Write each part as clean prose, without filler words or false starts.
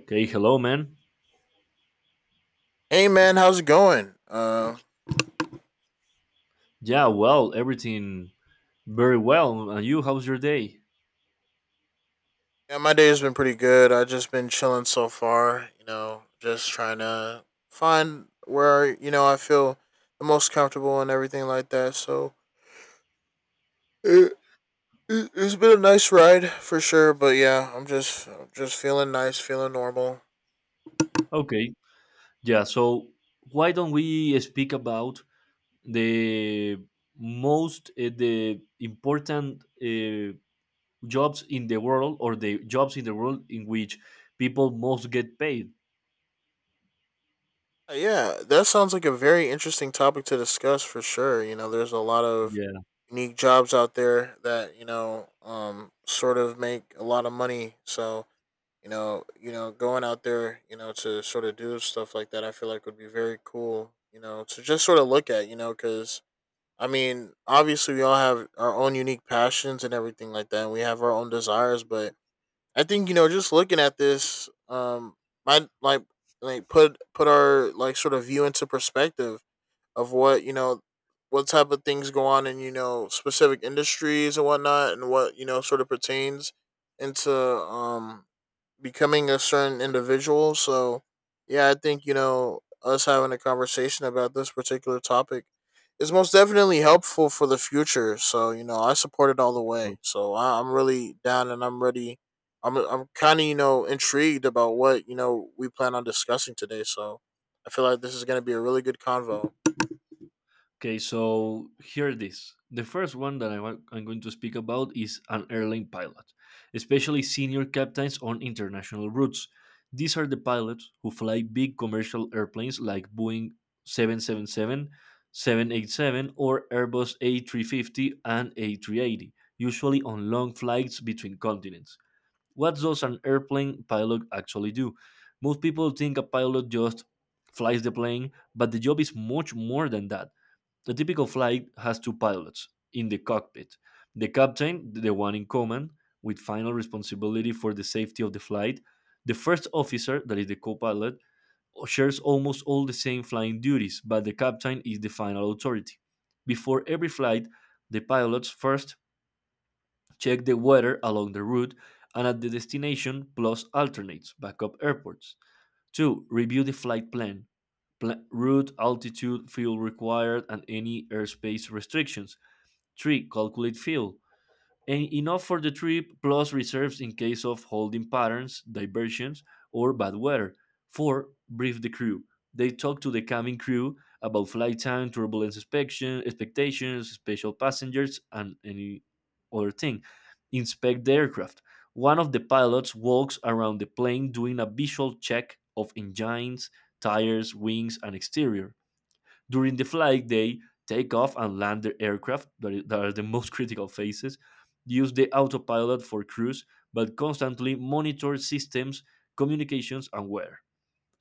Okay, hello, man. Hey man, how's it going? Yeah, well, everything very well. And you, how's your day? Yeah, my day has been pretty good. I just been chilling so far. You know, just trying to find where you know I feel the most comfortable and everything like that. So it, it's been a nice ride for sure. But yeah, I'm just feeling nice, feeling normal. Okay, yeah, so why don't we speak about the most, the important jobs in the world or the jobs in the world in which people most get paid? Yeah, that sounds like a very interesting topic to discuss for sure. You know, there's a lot of Yeah. unique jobs out there that you know sort of make a lot of money. So you know, going out there, you know, to sort of do stuff like that, I feel like would be very cool, you know, to just sort of look at, you know, because I mean, obviously we all have our own unique passions and everything like that, and we have our own desires, but I think you know, just looking at this, might like like put our like sort of view into perspective of what you know what type of things go on in you know specific industries and whatnot and what you know sort of pertains into becoming a certain individual. So, yeah, I think, you know, us having a conversation about this particular topic is most definitely helpful for the future. So, you know, I support it all the way. So, I'm really down and I'm ready. I'm kind of, you know, intrigued about what, you know, we plan on discussing today. So, I feel like this is going to be a really good convo. Okay, so here it is. The first one that I want, I'm going to speak about is an airline pilot, especially senior captains on international routes. These are the pilots who fly big commercial airplanes like Boeing seven seven seven, 787, or Airbus A350 and A380, usually on long flights between continents. What does an airplane pilot actually do? Most people think a pilot just flies the plane, but the job is much more than that. A typical flight has two pilots in the cockpit: the captain, the one in command, with final responsibility for the safety of the flight. The first officer, that is the co pilot, shares almost all the same flying duties, but the captain is the final authority. Before every flight, the pilots first check the weather along the route and at the destination, plus alternates, backup airports. 2. Review the flight plan, route, altitude, fuel required, and any airspace restrictions. 3. Calculate fuel. Enough for the trip plus reserves in case of holding patterns, diversions, or bad weather. 4. Brief the crew. They talk to the cabin crew about flight time, turbulence inspection, expectations, special passengers, and any other thing. Inspect the aircraft. One of the pilots walks around the plane doing a visual check of engines, tires, wings, and exterior. During the flight, they take off and land the aircraft, that are the most critical phases, use the autopilot for cruise, but constantly monitor systems, communications, and weather.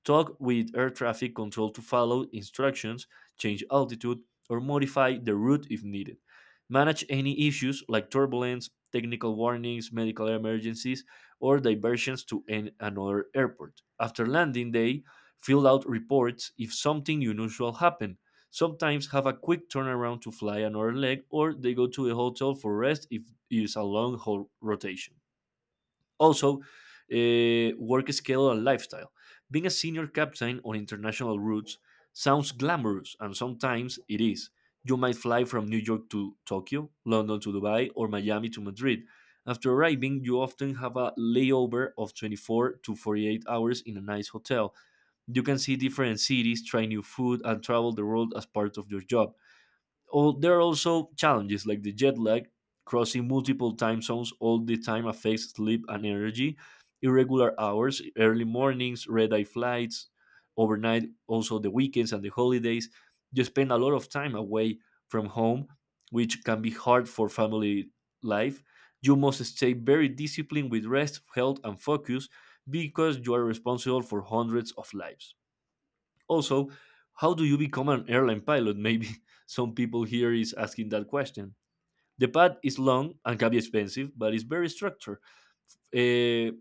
Talk with air traffic control to follow instructions, change altitude, or modify the route if needed. Manage any issues like turbulence, technical warnings, medical emergencies, or diversions to another airport. After landing day, fill out reports if something unusual happened. Sometimes have a quick turnaround to fly another leg, or they go to a hotel for rest if it is a long haul rotation. Also, work schedule and lifestyle. Being a senior captain on international routes sounds glamorous, and sometimes it is. You might fly from New York to Tokyo, London to Dubai, or Miami to Madrid. After arriving, you often have a layover of 24 to 48 hours in a nice hotel. You can see different cities, try new food, and travel the world as part of your job. All, there are also challenges like the jet lag, crossing multiple time zones all the time affects sleep and energy, irregular hours, early mornings, red eye flights, overnight, also the weekends and the holidays. You spend a lot of time away from home, which can be hard for family life. You must stay very disciplined with rest, health, and focus because you are responsible for hundreds of lives. Also, how do you become an airline pilot? Maybe some people here is asking that question. The path is long and can be expensive, but it's very structured. Uh,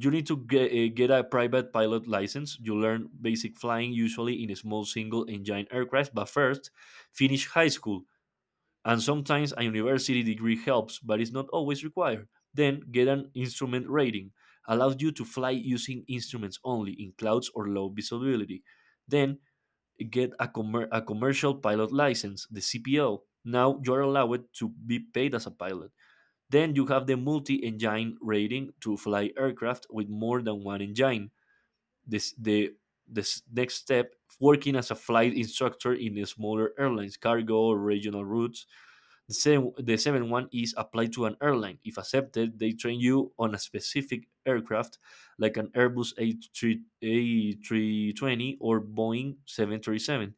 you need to get a private pilot license. You learn basic flying, usually in a small single engine aircraft, but first, finish high school. And sometimes a university degree helps, but it's not always required. Then, get an instrument rating, allows you to fly using instruments only in clouds or low visibility. Then, get a, a commercial pilot license, the CPL. Now you're allowed to be paid as a pilot. Then you have the multi engine rating to fly aircraft with more than one engine. This, the this next step, working as a flight instructor in the smaller airlines, cargo, or regional routes. The, same, the seventh one is applied to an airline. If accepted, they train you on a specific aircraft like an Airbus a A320 or Boeing 737.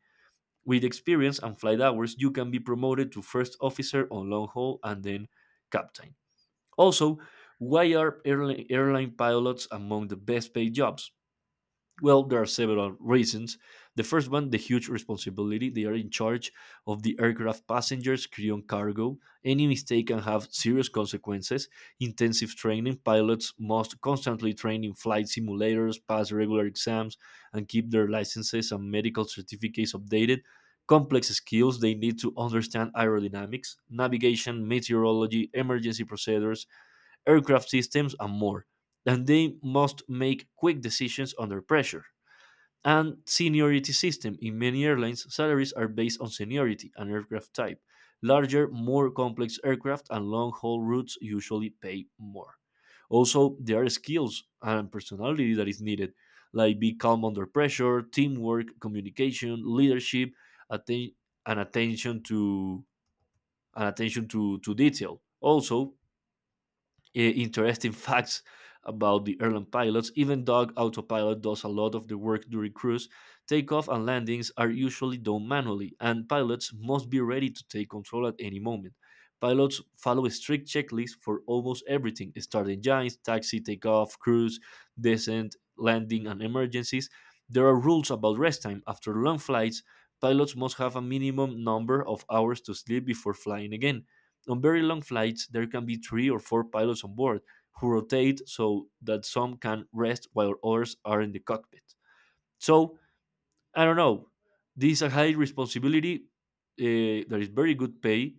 With experience and flight hours, you can be promoted to first officer on long haul and then captain. Also, why are airline pilots among the best paid jobs? Well, there are several reasons. The first one, the huge responsibility. They are in charge of the aircraft passengers, crew, and cargo. Any mistake can have serious consequences. Intensive training. Pilots must constantly train in flight simulators, pass regular exams, and keep their licenses and medical certificates updated. Complex skills. They need to understand aerodynamics, navigation, meteorology, emergency procedures, aircraft systems, and more. And they must make quick decisions under pressure and seniority system. In many airlines, salaries are based on seniority and aircraft type. Larger, more complex aircraft and long haul routes usually pay more. Also, there are skills and personality that is needed, like be calm under pressure, teamwork, communication, leadership, atten- and attention to detail. Also, interesting facts about the airline pilots. Even dog autopilot does a lot of the work during cruise. Takeoff and landings are usually done manually, and pilots must be ready to take control at any moment. Pilots follow a strict checklists for almost everything start engines, taxi, takeoff, cruise, descent, landing, and emergencies. There are rules about rest time. After long flights, pilots must have a minimum number of hours to sleep before flying again. On very long flights, there can be three or four pilots on board who rotate so that some can rest while others are in the cockpit. So, I don't know. This is a high responsibility. There is very good pay,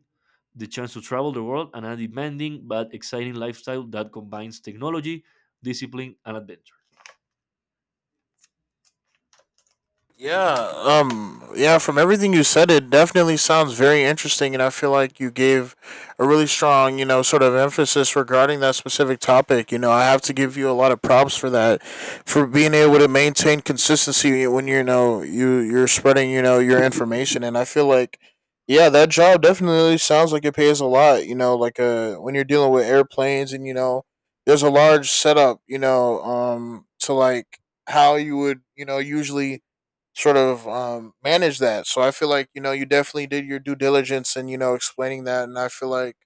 the chance to travel the world, and a demanding but exciting lifestyle that combines technology, discipline, and adventure. Yeah, yeah, from everything you said, it definitely sounds very interesting, and I feel like you gave a really strong, you know, sort of emphasis regarding that specific topic. You know, I have to give you a lot of props for that, for being able to maintain consistency when you know you're spreading, you know, your information, and I feel like. Yeah, that job definitely sounds like it pays a lot. You know, like when you're dealing with airplanes, and you know, there's a large setup. You know, to like how you would, you know, usually sort of manage that. So I feel like you know you definitely did your due diligence and you know explaining that, and I feel like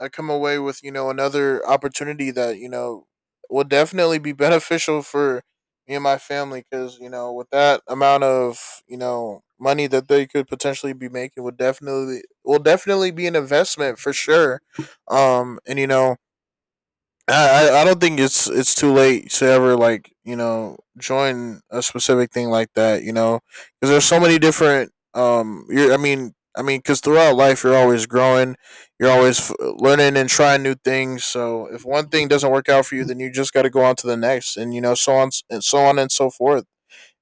I come away with you know another opportunity that you know will definitely be beneficial for me and my family, because you know with that amount of you know money that they could potentially be making would definitely will definitely be an investment for sure, and you know I don't think it's too late to ever like you know join a specific thing like that, you know, because there's so many different you're I mean because throughout life you're always growing, you're always learning and trying new things, so if one thing doesn't work out for you then you just got to go on to the next, and you know so on and so on and so forth.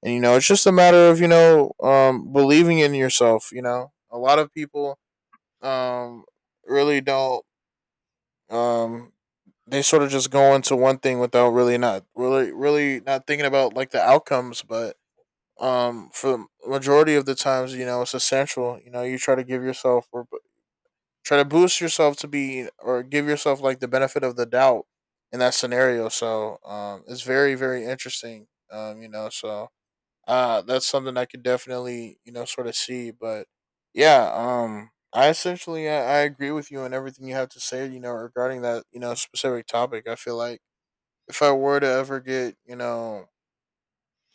And you know it's just a matter of you know believing in yourself, you know a lot of people um really don't um, they sort of just go into one thing without really not thinking about like the outcomes. But for the majority of the times, you know, it's essential. You know, you try to give yourself or try to boost yourself to be or give yourself like the benefit of the doubt in that scenario. So it's very very interesting. You know, so that's something I could definitely, you know, sort of see. But yeah, I essentially I agree with you on everything you have to say, you know, regarding that, you know, specific topic. I feel like if I were to ever get, you know,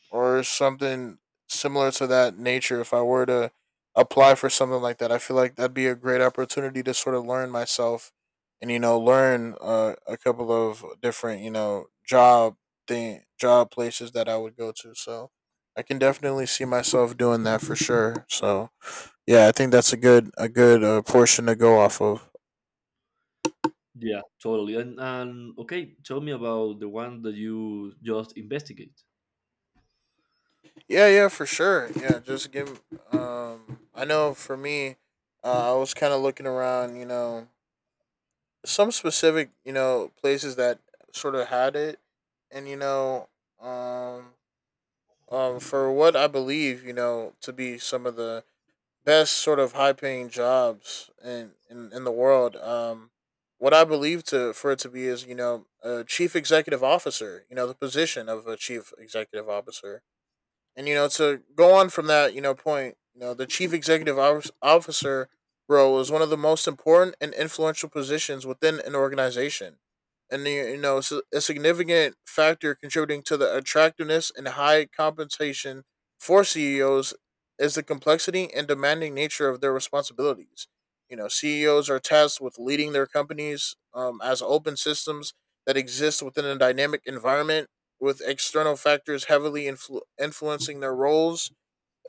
or something similar to that nature, if I were to apply for something like that. I feel like that'd be a great opportunity to sort of learn myself and you know learn a couple of different you know job places that I would go to. So I can definitely see myself doing that for sure. So yeah, I think that's a good portion to go off of. Yeah, totally. And okay, tell me about the one that you just investigate. Yeah, yeah, for sure. Yeah, just give. I know for me, I was kind of looking around, you know, some specific you know places that sort of had it, and you know um for what I believe you know to be some of the best sort of high paying jobs in the world, what I believe to for it to be is you know a chief executive officer, you know, the position of a chief executive officer. And you know, to go on from that, you know, point, you know, the chief executive officer role is one of the most important and influential positions within an organization, and you know, it's a significant factor contributing to the attractiveness and high compensation for CEOs is the complexity and demanding nature of their responsibilities. You know, CEOs are tasked with leading their companies as open systems that exist within a dynamic environment, with external factors heavily influencing their roles.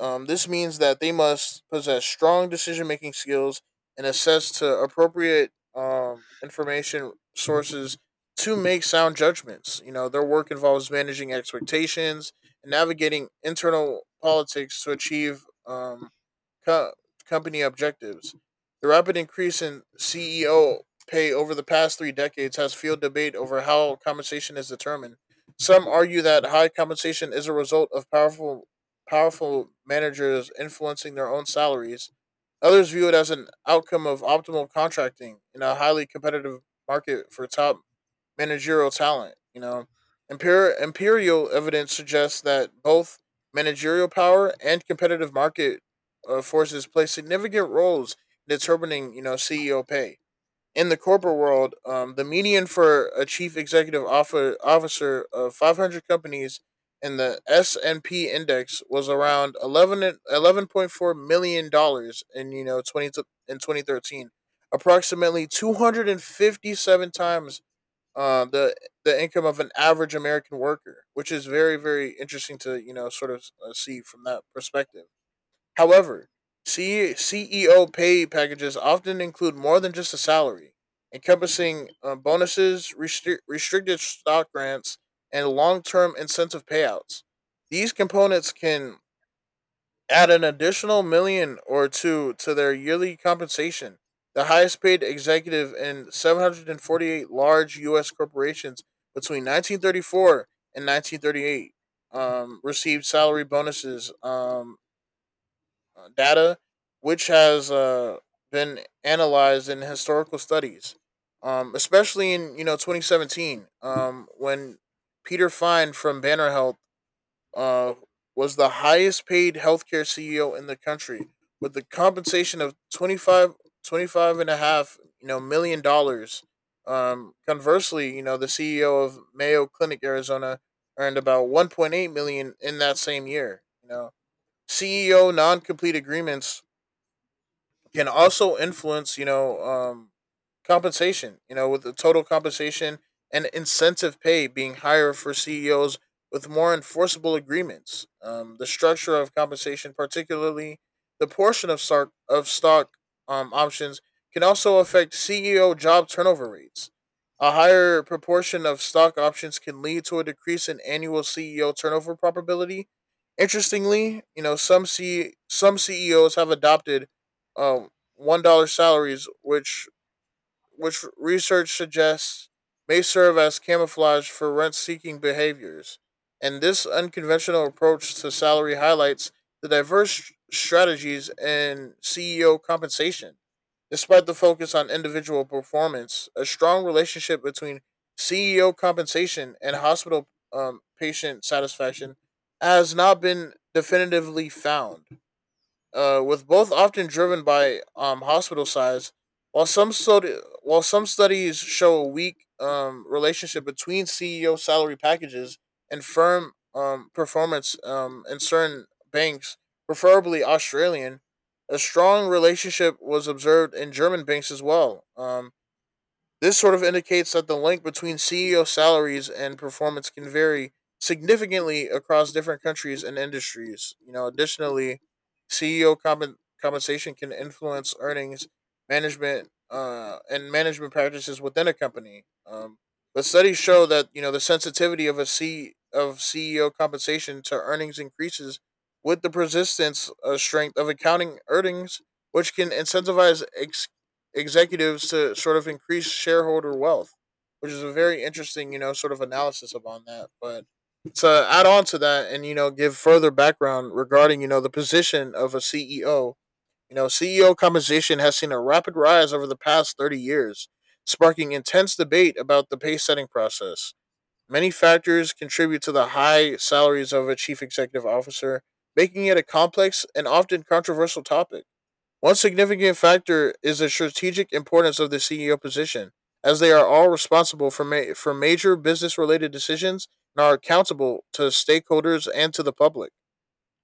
This means that they must possess strong decision making skills and access to appropriate information sources to make sound judgments. You know, their work involves managing expectations and navigating internal politics to achieve co- company objectives. The rapid increase in CEO pay over the past 3 decades has fueled debate over how compensation is determined. Some argue that high compensation is a result of powerful managers influencing their own salaries. Others view it as an outcome of optimal contracting in a highly competitive market for top managerial talent. You know, imperial evidence suggests that both managerial power and competitive market forces play significant roles in determining, you know, CEO pay in the corporate world. The median for a chief executive officer of 500 companies in the S&P index was around 11 11.4 million dollars in you know 20 in 2013, approximately 257 times uh, the the income of an average American worker, which is very very interesting to you know sort of see from that perspective. However, CEO pay packages often include more than just a salary, encompassing bonuses, restri- restricted stock grants, and long term incentive payouts. These components can add an additional million or two to their yearly compensation. The highest paid executive in 748 large U.S. corporations between 1934 and 1938 received salary bonuses data, which has been analyzed in historical studies, especially in you know 2017, when Peter Fine from Banner Health uh, was the highest paid healthcare CEO in the country with the compensation of 25 and a half you know million dollars. Conversely, you know the CEO of Mayo Clinic Arizona earned about 1.8 million in that same year. You know, CEO non complete agreements can also influence, you know, compensation, you know, with the total compensation and incentive pay being higher for CEOs with more enforceable agreements. The structure of compensation, particularly the portion of stock options, can also affect CEO job turnover rates. A higher proportion of stock options can lead to a decrease in annual CEO turnover probability. Interestingly, you know, some CEOs have adopted um, $1 salaries, which research suggests may serve as camouflage for rent-seeking behaviors. And this unconventional approach to salary highlights the diverse strategies in CEO compensation. Despite the focus on individual performance, a strong relationship between CEO compensation and hospital patient satisfaction has not been definitively found, with both often driven by hospital size. While some study, while some studies show a weak relationship between CEO salary packages and firm performance in certain banks, preferably Australian, a strong relationship was observed in German banks as well. This sort of indicates that the link between CEO salaries and performance can vary significantly across different countries and industries. You know, additionally, CEO compen- compensation can influence earnings, management, and management practices within a company. But studies show that you know the sensitivity of a C of CEO compensation to earnings increases with the persistence strength of accounting earnings, which can incentivize executives to sort of increase shareholder wealth, which is a very interesting, you know, sort of analysis upon that. But to add on to that and, you know, give further background regarding, you know, the position of a CEO, you know, CEO compensation has seen a rapid rise over the past 30 years, sparking intense debate about the pay setting process. Many factors contribute to the high salaries of a chief executive officer, making it a complex and often controversial topic. One significant factor is the strategic importance of the CEO position, as they are all responsible for, for major business related decisions and are accountable to stakeholders and to the public.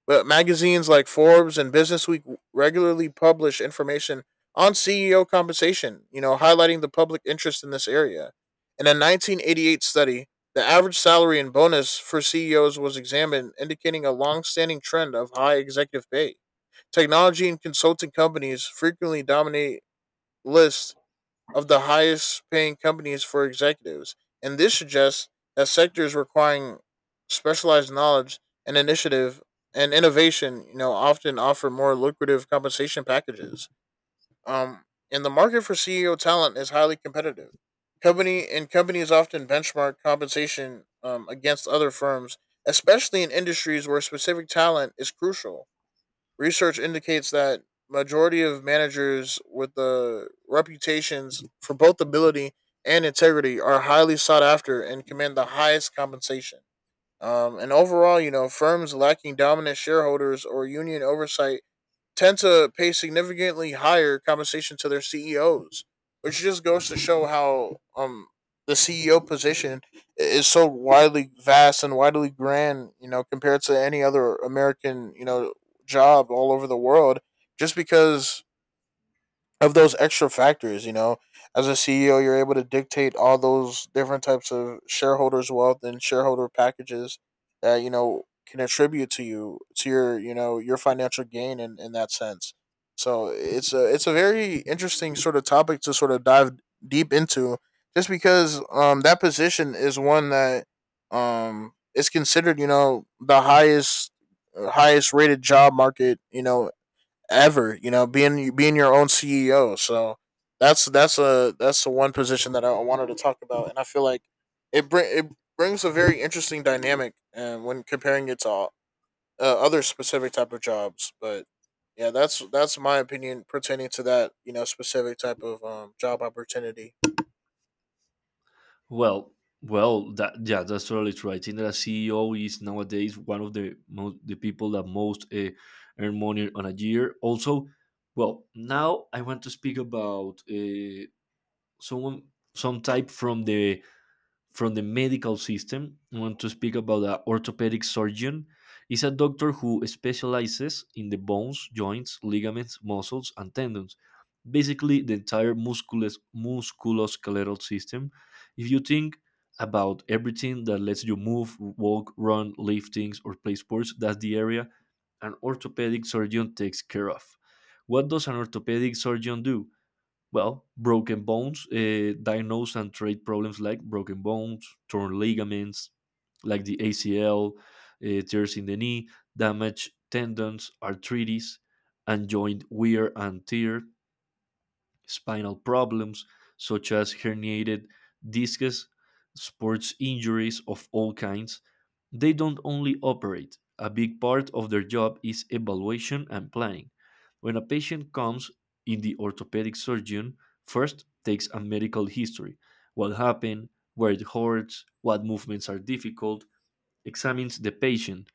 But magazines like Forbes and Business Week regularly publish information on CEO compensation, highlighting the public interest in this area. In a 1988 study, the average salary and bonus for CEOs was examined, indicating a long-standing trend of high executive pay. Technology and consulting companies frequently dominate lists of the highest paying companies for executives, and this suggests that sectors requiring specialized knowledge and initiative and innovation, often offer more lucrative compensation packages. Um, and the market for CEO talent is highly competitive. Company and companies often benchmark compensation against other firms, especially in industries where specific talent is crucial. Research indicates that majority of managers with the reputations for both ability and integrity are highly sought after and command the highest compensation. And overall, firms lacking dominant shareholders or union oversight tend to pay significantly higher compensation to their CEOs, which just goes to show how the CEO position is so widely vast and widely grand, compared to any other American, job all over the world, just because of those extra factors. You know, as a CEO, you're able to dictate all those different types of shareholders' wealth and shareholder packages that can attribute to you to your your financial gain in that sense. So it's a very interesting sort of topic to sort of dive deep into, just because that position is one that is considered the highest rated job market ever. You know, being your own CEO. So that's the one position that I wanted to talk about, and I feel like it brings a very interesting dynamic, and when comparing it to all, other specific type of jobs, but. Yeah, that's my opinion pertaining to that, specific type of job opportunity. Well, well, that yeah, that's totally true. I think that a CEO is nowadays one of the people that most earn money on a year. Also, well, now I want to speak about someone some type from the medical system. I want to speak about an orthopedic surgeon. Is a doctor who specializes in the bones, joints, ligaments, muscles, and tendons. Basically, the entire musculoskeletal system. If you think about everything that lets you move, walk, run, lift things, or play sports, that's the area an orthopedic surgeon takes care of. What does an orthopedic surgeon do? Well, broken bones, diagnose and treat problems like broken bones, torn ligaments, like the ACL, tears in the knee, damaged tendons, arthritis, and joint wear and tear, spinal problems such as herniated discs, sports injuries of all kinds. They don't only operate, a big part of their job is evaluation and planning. When a patient comes in, the orthopedic surgeon first takes a medical history what happened, where it hurts, what movements are difficult, examines the patient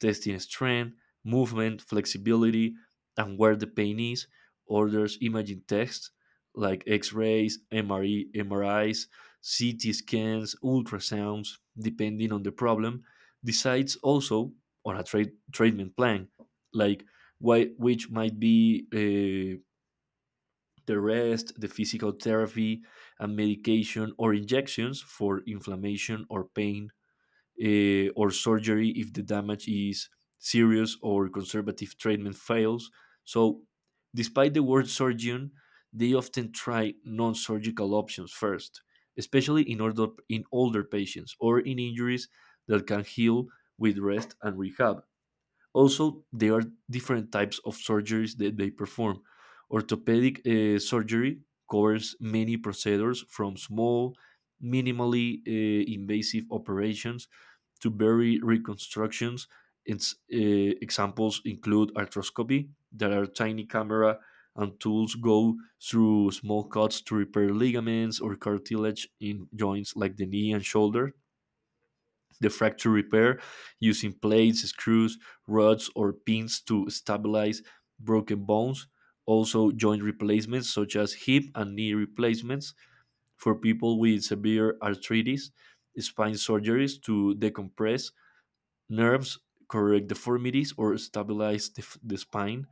testing strength, movement, flexibility, and where the pain is, orders imaging tests like x rays, MRI, MRIs, CT scans, ultrasounds, depending on the problem, decides also on a treatment plan, like why, which might be the rest, the physical therapy, and medication or injections for inflammation or pain or surgery if the damage is serious or conservative treatment fails. So, despite the word surgeon, they often try non surgical options first, especially in, order, in older patients or in injuries that can heal with rest and rehab. Also, there are different types of surgeries that they perform. Orthopedic surgery covers many procedures from small, minimally invasive operations to bury reconstructions. Its examples include arthroscopy, that are tiny camera and tools go through small cuts to repair ligaments or cartilage in joints like the knee and shoulder. The fracture repair using plates, screws, rods, or pins to stabilize broken bones. Also, joint replacements such as hip and knee replacements for people with severe arthritis, spine surgeries to decompress nerves, correct deformities, or stabilize the, the spine.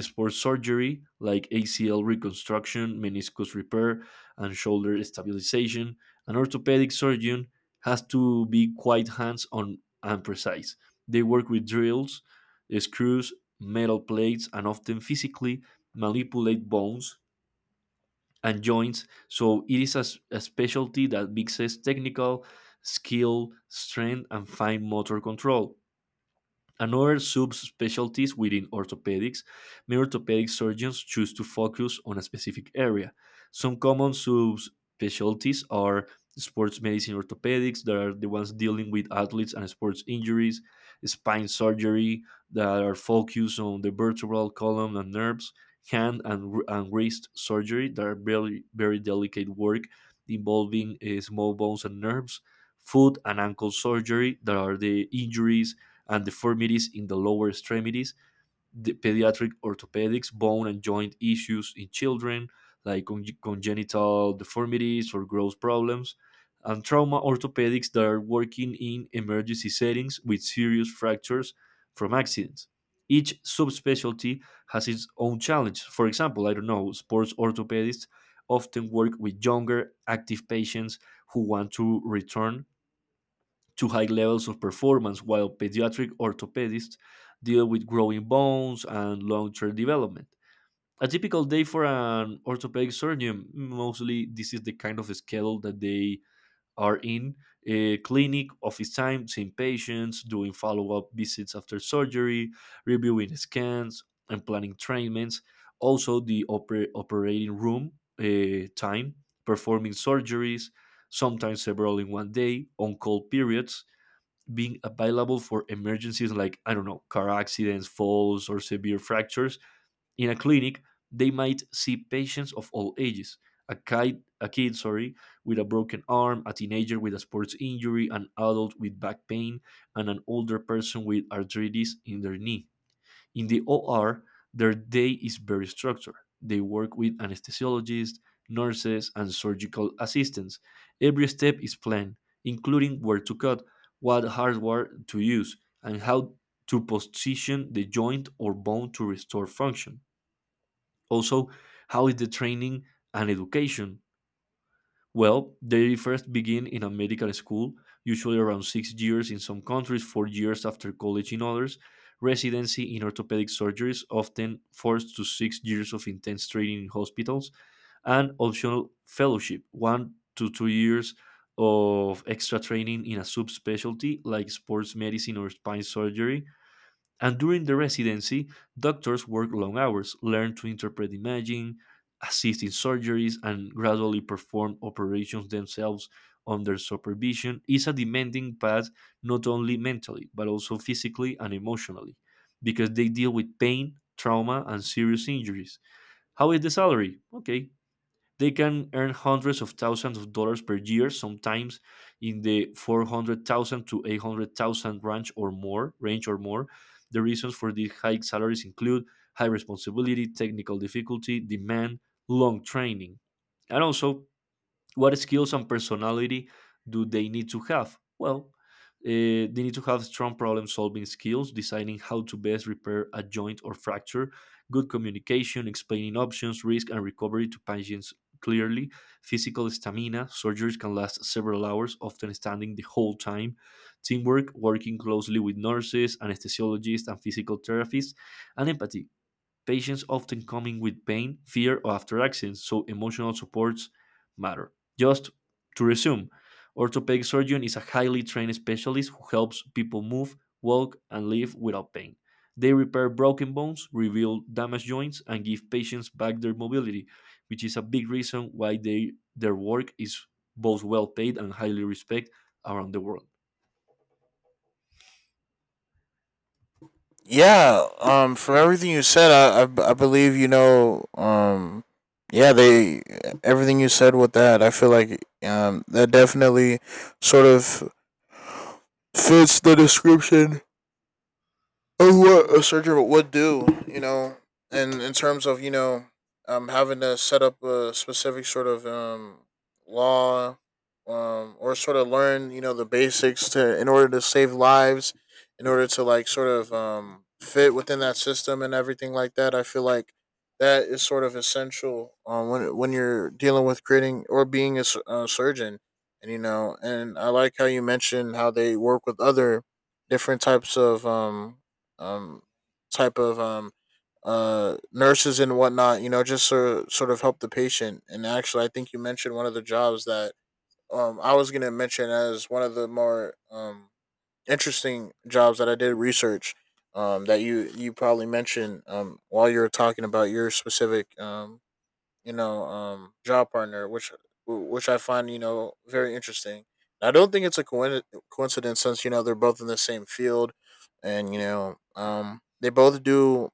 Sport surgery like ACL reconstruction, meniscus repair, and shoulder stabilization. An orthopedic surgeon has to be quite hands on and precise. They work with drills, screws, metal plates, and often physically manipulate bones and joints. So it is a, a specialty that mixes technical skill, strength, and fine motor control. Another subspecialties within orthopedics, many orthopedic surgeons choose to focus on a specific area. Some common subspecialties are sports medicine orthopedics, that are the ones dealing with athletes and sports injuries, spine surgery, that are focused on the vertebral column and nerves, hand and wrist surgery, that are very, very delicate work involving small bones and nerves, foot and ankle surgery, that are the injuries and deformities in the lower extremities, the pediatric orthopedics, bone and joint issues in children, like congenital deformities or growth problems, and trauma orthopedics that are working in emergency settings with serious fractures from accidents. Each subspecialty has its own challenge. For example, I don't know, sports orthopedists often work with younger, active patients who want to return to high levels of performance, while pediatric orthopedists deal with growing bones and long term development. A typical day for an orthopedic surgeon, mostly this is the kind of schedule that they are in a clinic, office time, seeing patients, doing follow up visits after surgery, reviewing scans, and planning treatments. Also, the operating room time, performing surgeries, sometimes several in 1 day, on call periods, being available for emergencies like, I don't know, car accidents, falls, or severe fractures. In a clinic, they might see patients of all ages. A kid, with a broken arm, a teenager with a sports injury, an adult with back pain, and an older person with arthritis in their knee. In the OR, their day is very structured. They work with anesthesiologists, nurses, and surgical assistants. Every step is planned, including where to cut, what hardware to use, and how to position the joint or bone to restore function. Also, how is the training and education? Well, they first begin in a medical school, usually around 6 years in some countries, 4 years after college in others. Residency in orthopedic surgery is often 4 to 6 years of intense training in hospitals, and optional fellowship, 1 to 2 years of extra training in a subspecialty like sports medicine or spine surgery. And during the residency, doctors work long hours, learn to interpret imaging, assist in surgeries, and gradually perform operations themselves under supervision. Is a demanding path not only mentally, but also physically and emotionally, because they deal with pain, trauma, and serious injuries. How is the salary? Okay, they can earn hundreds of thousands of dollars per year, sometimes in the 400,000 to 800,000 range or more. The reasons for these high salaries include high responsibility, technical difficulty, demand, long training. And also, what skills and personality do they need to have? Well, they need to have strong problem solving skills, deciding how to best repair a joint or fracture, good communication, explaining options, risk, and recovery to patients clearly, physical stamina. Surgeries can last several hours, often standing the whole time, teamwork, working closely with nurses, anesthesiologists, and physical therapists, and empathy. Patients often coming with pain, fear, or after accidents, so emotional supports matter. Just to resume, orthopedic surgeon is a highly trained specialist who helps people move, walk, and live without pain. They repair broken bones, rebuild damaged joints, and give patients back their mobility, which is a big reason why their work is both well paid and highly respected around the world. Yeah, for everything you said, I believe yeah, they everything you said with that. I feel like that definitely sort of fits the description or what a surgeon would do, and in terms of having to set up a specific sort of law, or sort of learn the basics to in order to save lives, in order to like sort of fit within that system and everything like that. I feel like that is sort of essential when you're dealing with creating or being a, a surgeon, and and I like how you mentioned how they work with other different types of um type of nurses and whatnot just sort of help the patient, and actually I think you mentioned one of the jobs that I was going to mention as one of the more interesting jobs that I did research that you probably mentioned while you were talking about your specific job partner, which I find very interesting. And I don't think it's a coincidence since they're both in the same field, and they both do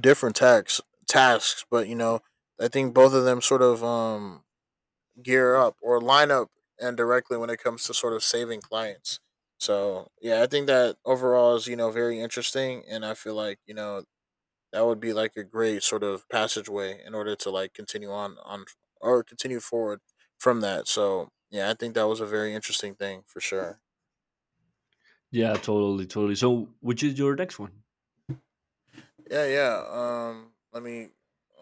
different tax tasks, but I think both of them sort of gear up or line up and directly when it comes to sort of saving clients. So yeah, I think that overall is very interesting, and I feel like that would be like a great sort of passageway in order to like continue on or continue forward from that. So yeah, I think that was a very interesting thing for sure. Yeah, totally, totally. So, which is your next one? Yeah, yeah. Let me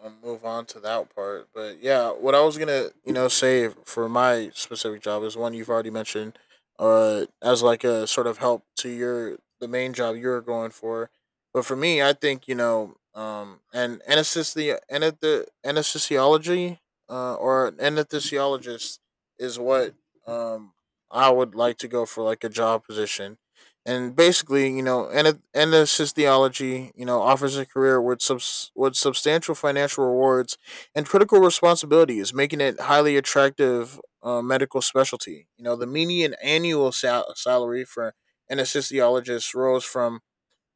move on to that part. But yeah, what I was gonna say for my specific job is one you've already mentioned, as like a sort of help to your the main job you're going for. But for me, I think and anesthesiology, or an anesthesiologist is what um I would like to go for like a job position. And basically, and Ennis' theology, offers a career with substantial financial rewards and critical responsibilities, making it highly attractive medical specialty. You know, the median annual salary for an anesthesiologist rose from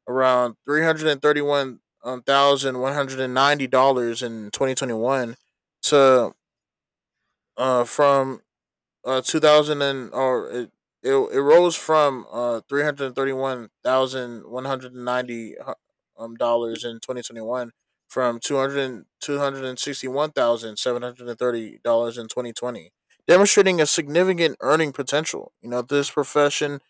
around $331,190 in 2021 to from 2000 and or it rose from 331,190 dollars in 2021 from 261,730 dollars in 2020, demonstrating a significant earning potential. You know, this profession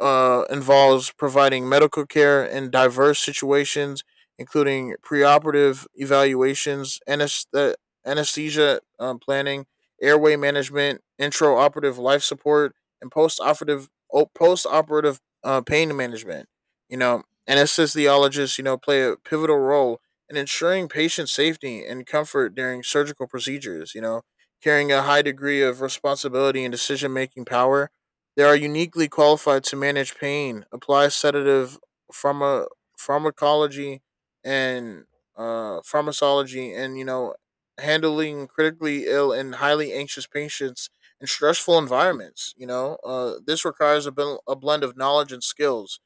involves providing medical care in diverse situations, including preoperative evaluations, anesthesia planning, airway management, intraoperative life support, and post-operative post-operative pain management. You know, anesthesiologists, play a pivotal role in ensuring patient safety and comfort during surgical procedures. You know, carrying a high degree of responsibility and decision-making power, they are uniquely qualified to manage pain, apply sedative pharma, pharmacology and and handling critically ill and highly anxious patients in stressful environments. You know, this requires a, a blend of knowledge and skills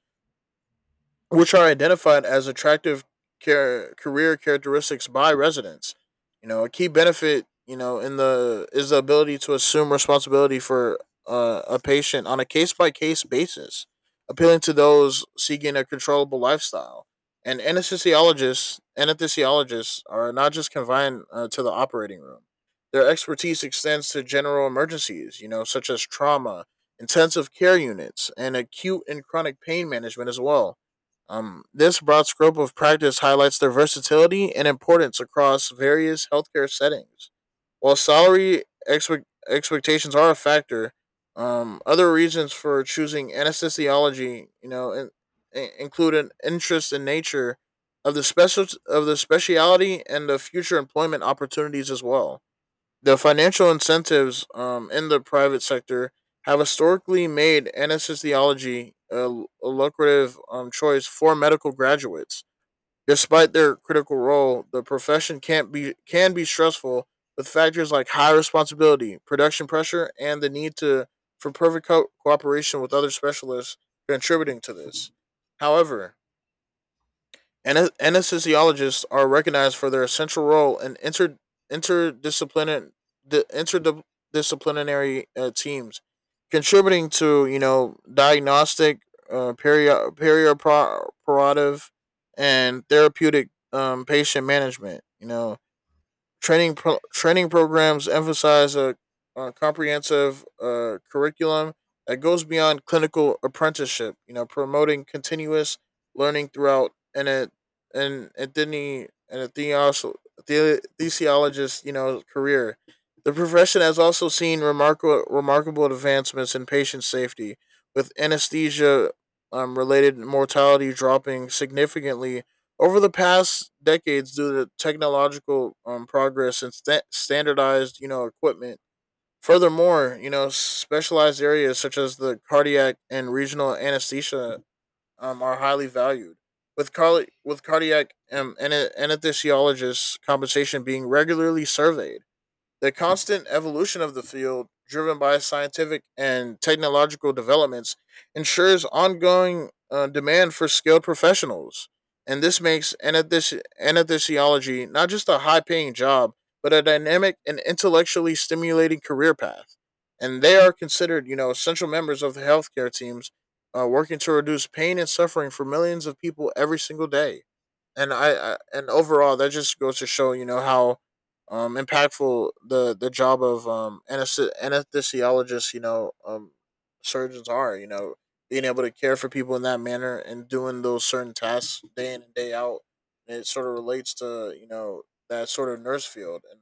which are identified as attractive career characteristics by residents. You know, a key benefit, in the is the ability to assume responsibility for a patient on a case by case basis, appealing to those seeking a controllable lifestyle. And anesthesiologists are not just confined to the operating room. Their expertise extends to general emergencies, such as trauma, intensive care units, and acute and chronic pain management as well. This broad scope of practice highlights their versatility and importance across various healthcare settings. While salary expectations are a factor, other reasons for choosing anesthesiology, include an interest in nature of the specialty and the future employment opportunities as well. The financial incentives in the private sector have historically made anesthesiology a lucrative choice for medical graduates. Despite their critical role, the profession can't be can be stressful with factors like high responsibility, production pressure, and the need to for perfect cooperation with other specialists contributing to this. However, anesthesiologists are recognized for their essential role in interdisciplinary the interdisciplinary teams, contributing to diagnostic, uh, peri- perioperative, and therapeutic patient management. You know, training programs emphasize a comprehensive curriculum that goes beyond clinical apprenticeship. You know, promoting continuous learning throughout and it and Anthony and a theseologist, career. The profession has also seen remarkable advancements in patient safety, with anesthesia related mortality dropping significantly over the past decades, due to technological progress and standardized, equipment. Furthermore, specialized areas such as the cardiac and regional anesthesia are highly valued, with cardiac anesthesiologists compensation being regularly surveyed. The constant evolution of the field, driven by scientific and technological developments, ensures ongoing demand for skilled professionals. And this makes anesthesiology not just a high paying job, but a dynamic and intellectually stimulating career path. And they are considered, essential members of the healthcare teams working to reduce pain and suffering for millions of people every single day. And I and overall, that just goes to show, how impactful the job of anesthesiologists surgeons are, being able to care for people in that manner and doing those certain tasks day in and day out, and it sort of relates to that sort of nurse field. And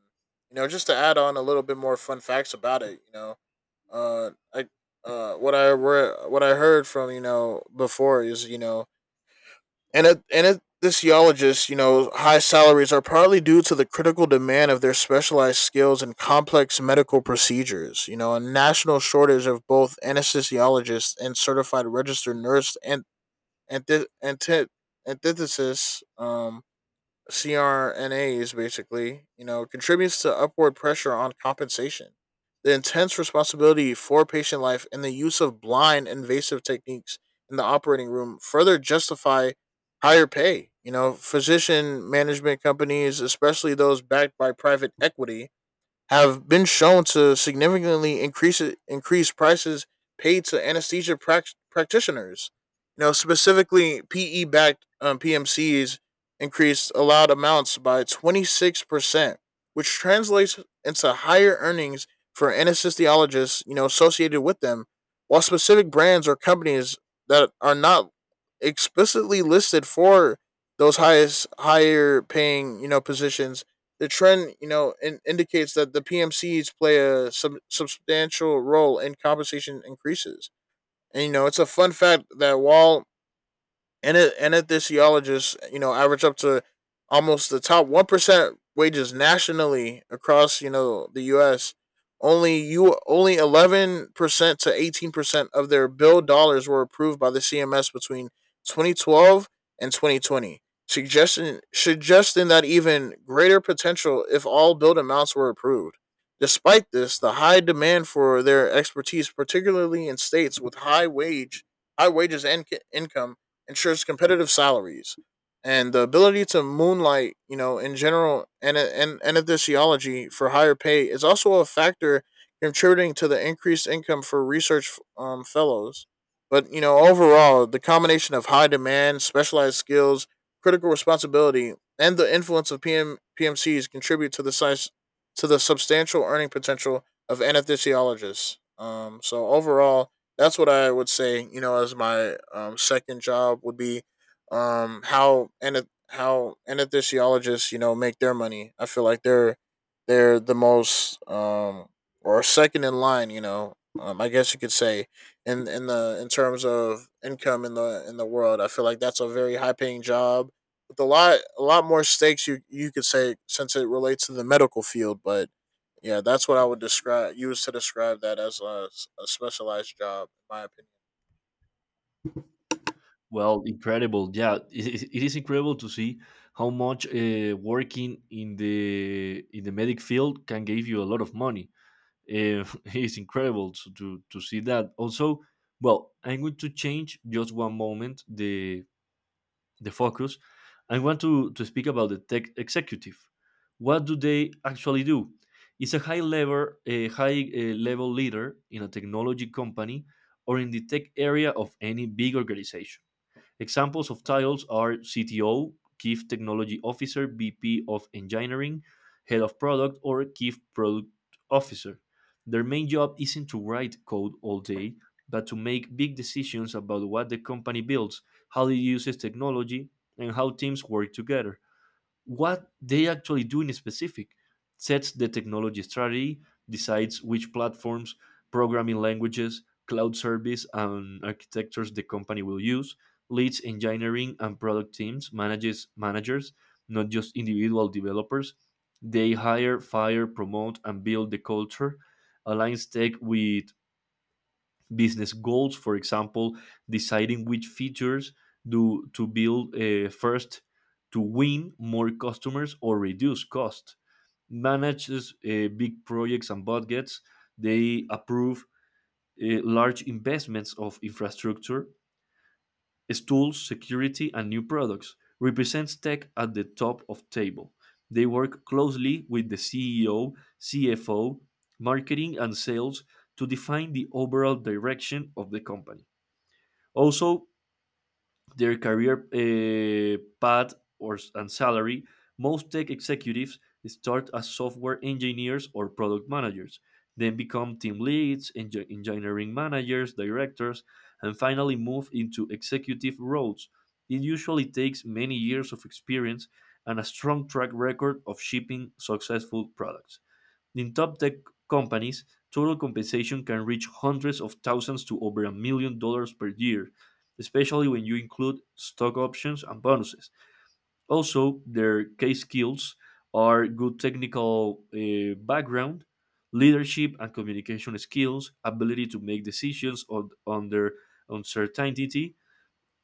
just to add on a little bit more fun facts about it, you know I what what I heard from before is Sociologists, high salaries are partly due to the critical demand of their specialized skills and complex medical procedures. You know, a national shortage of both anesthesiologists and certified registered nurse and antithesis CRNAs basically, contributes to upward pressure on compensation. The intense responsibility for patient life and the use of blind invasive techniques in the operating room further justify higher pay. You know, physician management companies, especially those backed by private equity, have been shown to significantly increase prices paid to anesthesia practitioners. You know, specifically PE backed PMCs increased allowed amounts by 26%, which translates into higher earnings for anesthesiologists, you know, associated with them, while specific brands or companies that are not explicitly listed for those highest higher paying, you know, positions the trend, you know, indicates that the PMCs play a substantial role in compensation increases. And you know, it's a fun fact that while and it and if the geologists, you know, average up to almost the top 1% wages nationally across, you know, the U.S. Only 11% to 18% of their bill dollars were approved by the CMS between 2012 and 2020, suggesting that even greater potential if all build amounts were approved. Despite this, the high demand for their expertise, particularly in states with high wages and income, ensures competitive salaries, and the ability to moonlight, you know, in general, and anesthesiology for higher pay is also a factor contributing to the increased income for research fellows. But you know, overall, the combination of high demand, specialized skills, critical responsibility, and the influence of PMCs contribute to the size to the substantial earning potential of anesthesiologists. So overall, that's what I would say. You know, as my second job would be, how and how anesthesiologists, you know, make their money. I feel like they're the most or second in line. You know, I guess you could say in the in terms of income in the world. I feel like that's a very high paying job with a lot more stakes. You could say, since it relates to the medical field. But yeah, that's what I would describe. Use to describe that as a specialized job, in my opinion. Well, incredible. Yeah, it is incredible to see how much working in the medic field can give you a lot of money. It's incredible to, to see that. Also, well, I'm going to change just one moment the focus. I want to speak about the tech executive. What do they actually do? It's a high level leader in a technology company or in the tech area of any big organization. Examples of titles are CTO, Chief Technology Officer, VP of Engineering, Head of Product, or Chief Product Officer. Their main job isn't to write code all day, but to make big decisions about what the company builds, how it uses technology, and how teams work together. What they actually do in specific: sets the technology strategy, decides which platforms, programming languages, cloud service and architectures the company will use, leads engineering and product teams, manages managers, not just individual developers. They hire, fire, promote, and build the culture. Aligns tech with business goals, for example, deciding which features do to build first to win more customers or reduce cost. Manages big projects and budgets. They approve large investments of infrastructure, tools, security, and new products. Represents tech at the top of table. They work closely with the CEO, CFO, marketing, and sales to define the overall direction of the company. Also, their career path or and salary. Most tech executives start as software engineers or product managers, then become team leads, engineering managers, directors, and finally move into executive roles. It usually takes many years of experience and a strong track record of shipping successful products. In top tech companies, total compensation can reach hundreds of thousands to over $1 million per year, especially when you include stock options and bonuses. Also, their key skills are good technical background, leadership and communication skills, ability to make decisions under uncertainty,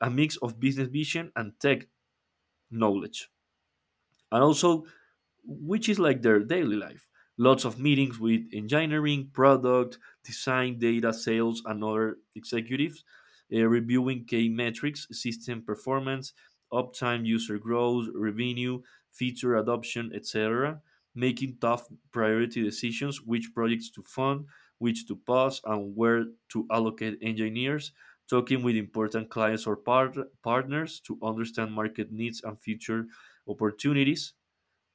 a mix of business vision and tech knowledge. And also, which is like their daily life. Lots of meetings with engineering, product, design, data, sales, and other executives, reviewing key metrics, system performance, uptime, user growth, revenue, feature adoption, etc. Making tough priority decisions, which projects to fund, which to pause, and where to allocate engineers. Talking with important clients or partners to understand market needs and future opportunities.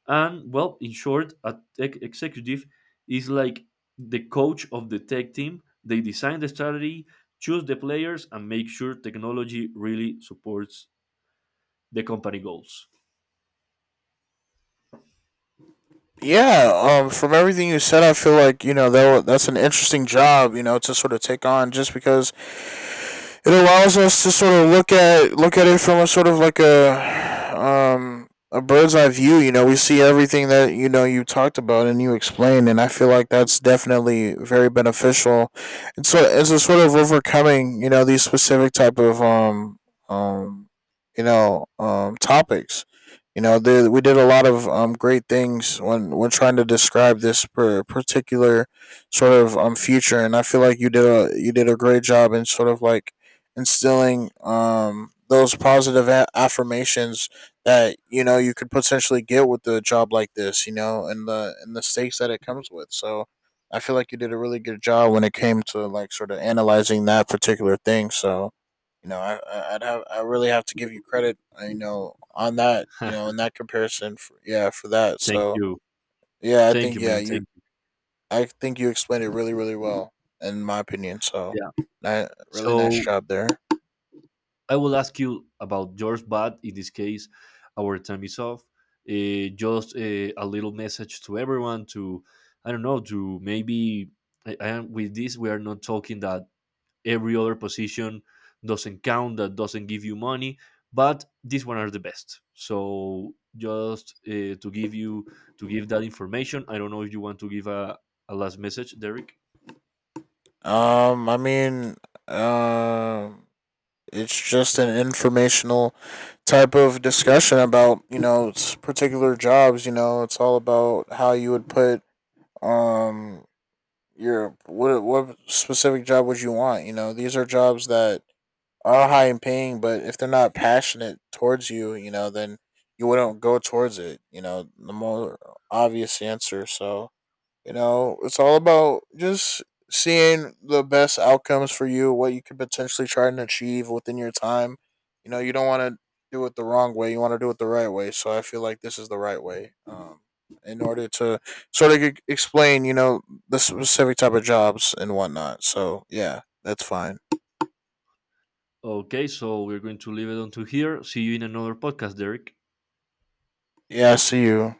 And well, in short, a tech executive is like the coach of the tech team. They design the strategy, choose the players, and make sure technology really supports the company goals. Yeah, from everything you said, I feel like, you know, that that's an interesting job, you know, to sort of take on, just because it allows us to sort of look at it from a sort of like a bird's eye view. You know, we see everything that, you know, you talked about and you explained, and I feel like that's definitely very beneficial. And so it's a sort of overcoming, you know, these specific type of um you know, topics, you know, there, we did a lot of great things when trying to describe this particular sort of future, and I feel like you did a great job in sort of like instilling those positive affirmations that, you know, you could potentially get with a job like this, you know, and the stakes that it comes with. So I feel like you did a really good job when it came to like sort of analyzing that particular thing. So, you know, I really have to give you credit, you know, on that, you know, in that comparison for, yeah, for that. Thank So you. yeah, i Thank think you, yeah man. you Thank you. i think you explained it really really well, in my opinion. So Yeah. ni- really nice So job there. I will ask you about yours, but in this case, our time is off. Just a little message to everyone to, I don't know, to maybe, with this, we are not talking that every other position doesn't count, that doesn't give you money, but these one are the best. So just to give you to give that information, I don't know if you want to give a last message, Derek. I mean, um, it's just an informational type of discussion about, you know, particular jobs. You know, it's all about how you would put um your what specific job would you want. You know, these are jobs that are high in paying, but if they're not passionate towards you, you know, then you wouldn't go towards it. You know, the more obvious answer. So, you know, it's all about just seeing the best outcomes for you, what you could potentially try and achieve within your time. You know, you don't want to do it the wrong way. You want to do it the right way. So I feel like this is the right way. In order to sort of explain, you know, the specific type of jobs and whatnot. So yeah, that's fine. Okay, so we're going to leave it until here. See you in another podcast, Derek. Yeah, I see you.